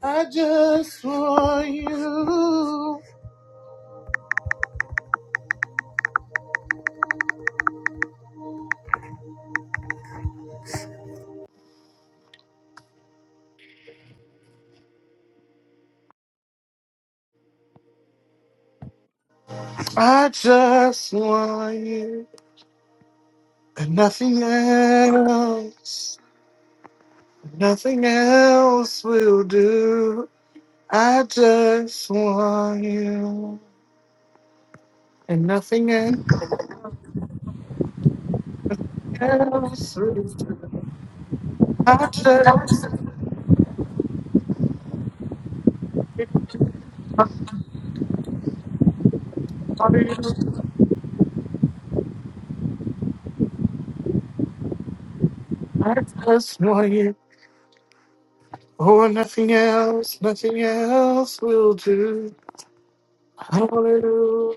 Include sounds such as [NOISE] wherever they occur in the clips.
I just want you. I just want you. And nothing else. Nothing else will do. I just want you. And nothing else will do. I just want you. I just want you. Oh, and nothing else, nothing else will do. Hallelujah.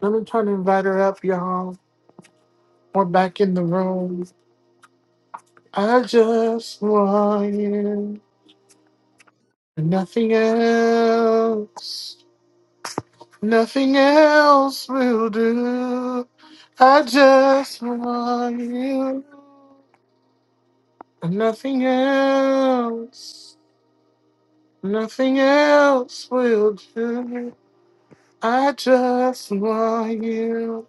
Let me try to invite her up, y'all. We're back in the room. I just want you. Nothing else. Nothing else will do. I just want you. Nothing else. Nothing else will do. I just want you.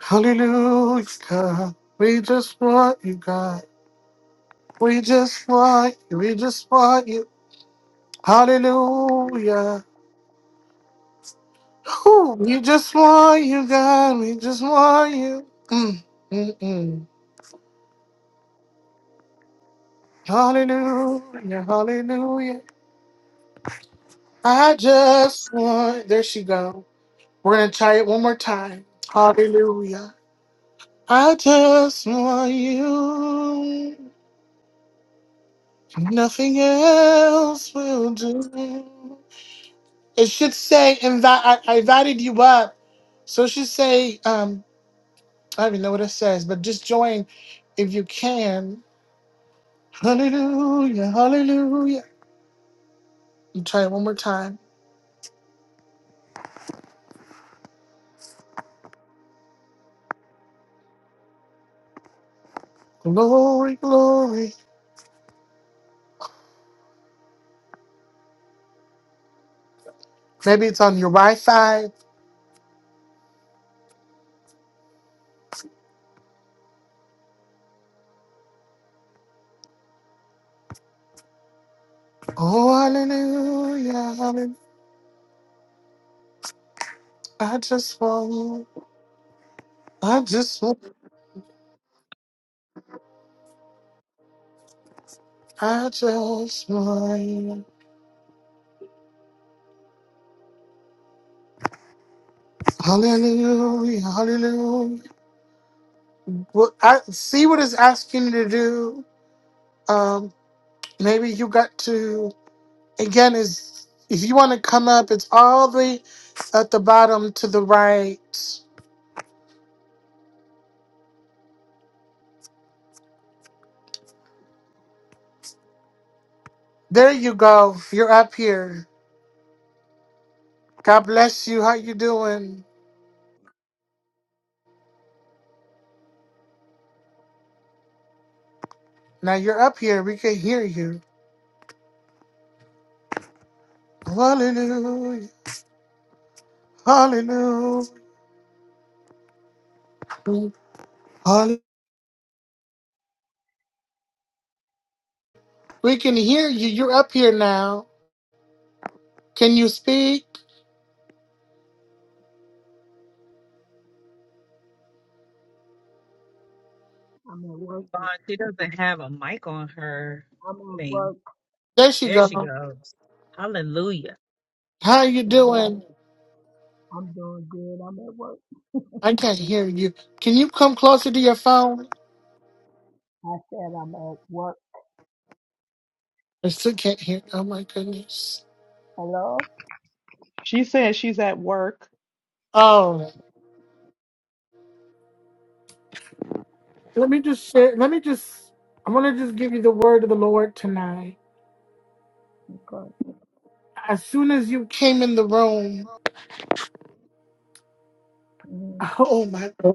Hallelujah, God. We just want you, God. We just want you. We just want you. Hallelujah. Ooh, you just want you, God. We just want you. Mm, mm, mm. Hallelujah, hallelujah. I just want. There she go. We're gonna try it one more time. Hallelujah. I just want you. Nothing else will do. It should say, invi- I, I invited you up. So it should say, um, I don't even know what it says, but just join if you can. Hallelujah, hallelujah. You try it one more time. Glory, glory. Maybe it's on your right side. Oh, hallelujah, hallelujah. I just want you. I just want I just want you. Hallelujah, hallelujah. Well, I see what it's asking you to do. Um, maybe you got to again is if you want to come up, it's all the way at the bottom to the right. There you go. You're up here. God bless you. How you doing? Now you're up here. We can hear you. Hallelujah. Hallelujah. Hallelujah. We can hear you. You're up here now. Can you speak? I'm at work. God, she doesn't have a mic on her I'm at thing. work. There she There she go. goes. Hallelujah. How you Yeah, I'm, at, doing? I'm doing good. I'm at work. I can't hear you. Can you come closer to your phone? I said I'm at work. I still can't hear. Oh my goodness. Hello? She says she's at work. Oh, let me just share. Let me just. I want to just give you the word of the Lord tonight. Because, As soon as you came in the room. mm, Oh my God.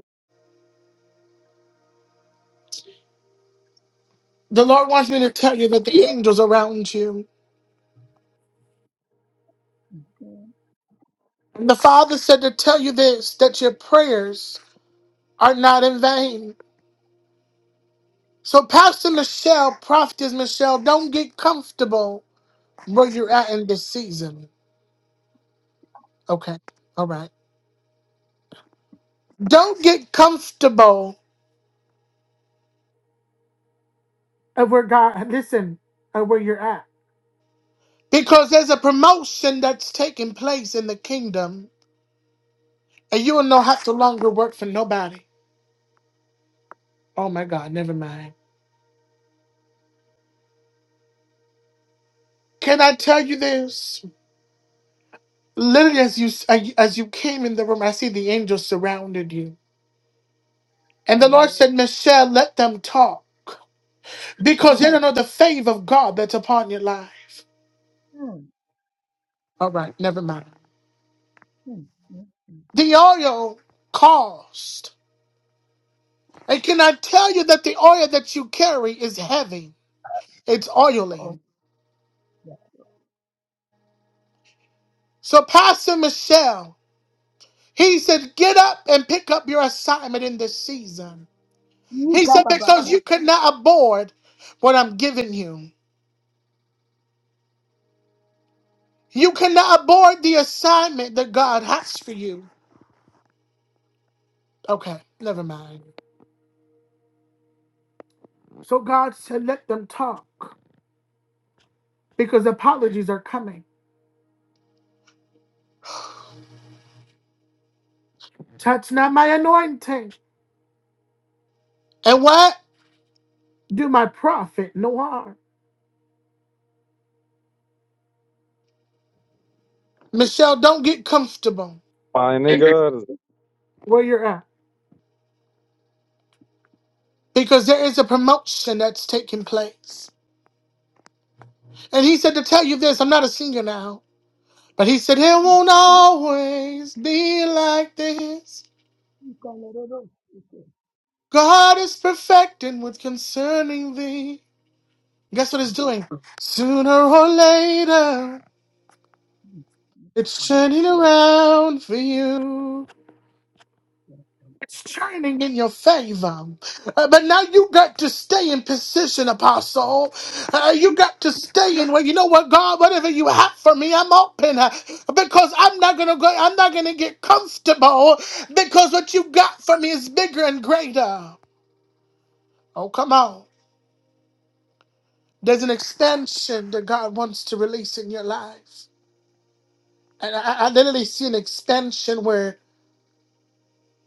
The Lord wants me to tell you that the angels are around you. mm, And the Father said to tell you this that your prayers are not in vain. So, Pastor Michelle, Prophetess Michelle, don't get comfortable where you're at in this season. Okay. All right. Don't get comfortable at where God, listen, at where you're at. Because there's a promotion that's taking place in the kingdom, and you will no have to longer work for nobody. Oh my God, never mind. Can I tell you this? Literally, as you as you came in the room, I see the angels surrounded you, and the mm, Lord said, "Michelle, let them talk, because mm, you don't know the favor of God that's upon your life." mm, All right, never mind. mm, mm, mm. The oil caused, and can I tell you that the oil that you carry is heavy? It's Oh, oily. yeah. So, Pastor Michelle, he said, "Get up and pick up your assignment in this season." He Yika said, "Because babako. you could not abort what I'm giving you." You cannot abort the assignment that God has for you. Okay, never mind. So God said, let them talk because apologies are coming. Touch not my anointing. And what? Do my prophet no harm. Michelle, don't get comfortable My nigga, where you're at because there is a promotion that's taking place. And he said to tell you this, I'm not a singer now, but he said, it won't always be like this. Yika lerero. Yika, God is perfecting with concerning thee. yes, Guess what it's Lord. doing? Sooner or later, Mm, it's mm, turning around for you. yes, yes. It's turning in your favor. Uh, but now you got to stay in position, Apostle. Uh, you got to stay in where you know what, God, whatever you have for me, I'm open uh, because I'm not gonna go. I'm not gonna get comfortable because what you got for me is bigger and greater. Oh, come on. There's an expansion that God wants to release in your life. And I, I literally see an extension where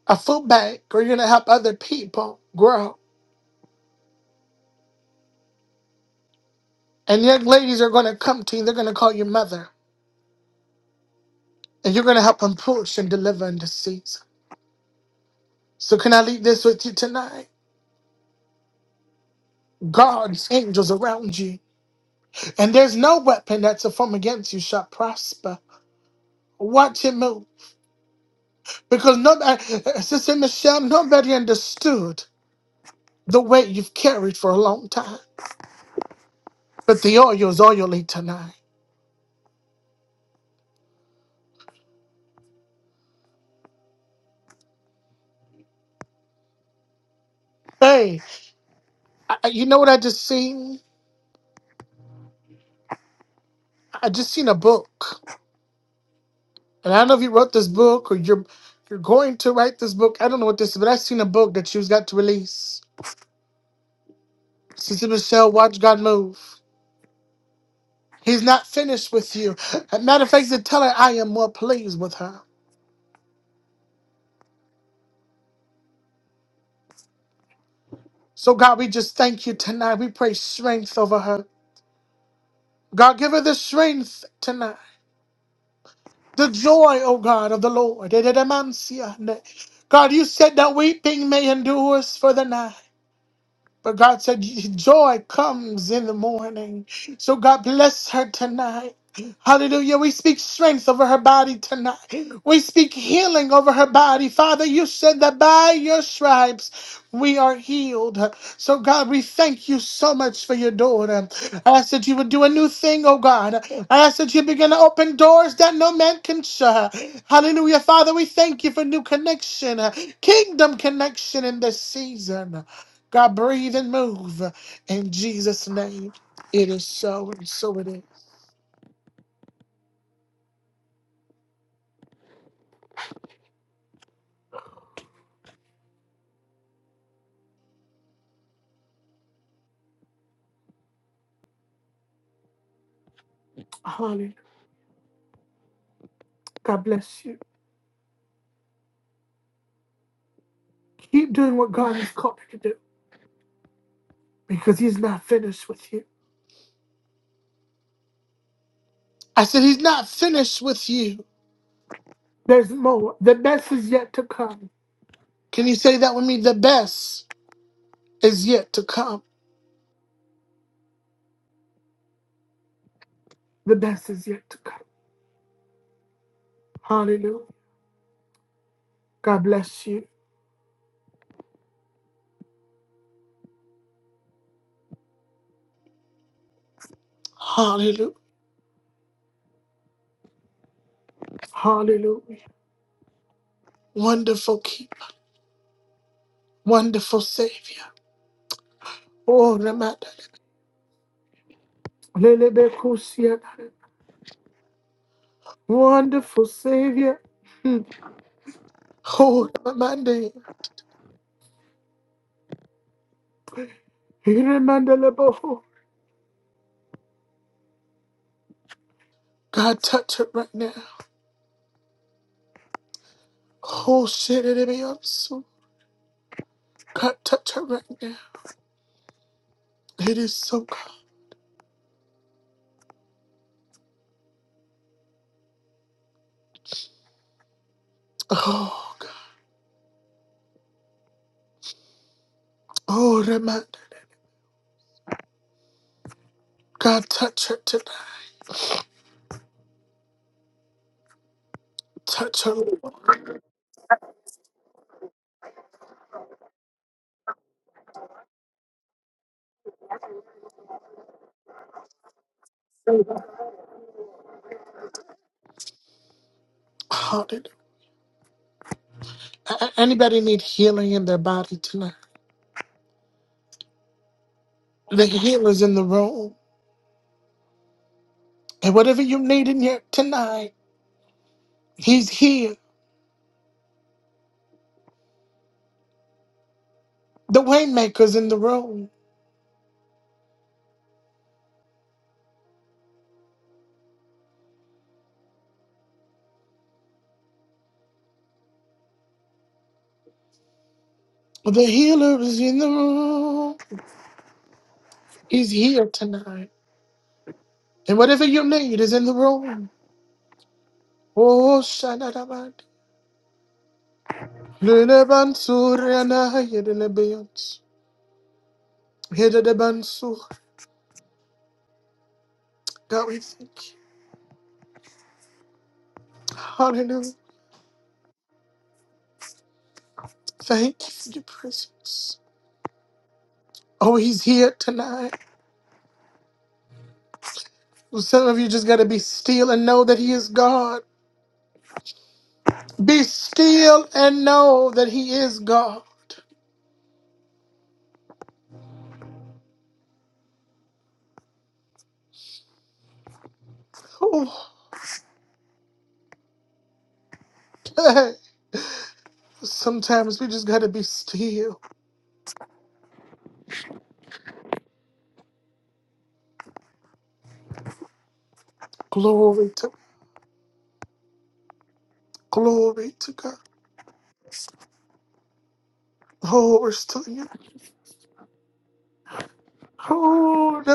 a food bank, where you're gonna help other people grow. And young ladies are gonna come to you, they're gonna call you mother. And you're gonna help them push and deliver in this season. So can I leave this with you tonight? God's angels around you. And there's no weapon that's a form against you shall prosper. Watch him move. Because nobody Sister Michelle, nobody understood the weight you've carried for a long time. But the oil is oily tonight. Hey, I, I- you know what I just seen? I just seen a book, and I don't know if you wrote this book or you're you're going to write this book. I don't know what this is, but I seen a book that you've got to release. Sister Michelle, watch God move. He's not finished with you. As a matter of fact, to tell her I am more pleased with her. So God, we just thank you tonight. We pray strength over her. God, give her the strength tonight. The joy, oh God, of the Lord. God, you said that weeping may endure us for the night. But God said, Joy comes in the morning. So God bless her tonight. Hallelujah. We speak strength over her body tonight. We speak healing over her body. Father, you said that by your stripes we are healed. So, God, we thank you so much for your daughter. I ask that you would do a new thing, oh God. I ask that you begin to open doors that no man can shut. Hallelujah. Father, we thank you for new connection, kingdom connection in this season. God, breathe and move in Jesus' name. It is so, and so it is. Honey, God bless you. Keep doing what God has called you to do because He's not finished with you. I said, He's not finished with you. There's more. The best is yet to come. Can you say that with me? The best is yet to come. The best is yet to come. Hallelujah. God bless you. Hallelujah. Hallelujah. Wonderful keeper. Wonderful savior. Oh, Ramada. Lelebekusia. Wonderful Savior. Hmm. Oh, Monday. Irremandeleboho. God, touch her right now. Oh, shit, it be up. so. God, touch her right now. It is so God. Oh, God. Oh, reminder. God, touch her tonight. Touch her, Lord. Hallelujah. A- Anybody need healing in their body tonight? The healer's in the room. And whatever you need in here tonight, he's here. The waymaker's in the room. The healer is in the room. He's here tonight. And whatever you need is in the room. Oh, Shanadaban. God, we thank you. Hallelujah. Thank you for your presence. Oh, he's here tonight. Well, Some of you just got to be still and know that he is God. Be still and know that he is God. Oh, [LAUGHS] sometimes we just got to be still. Glory to Glory to God. Glory to God.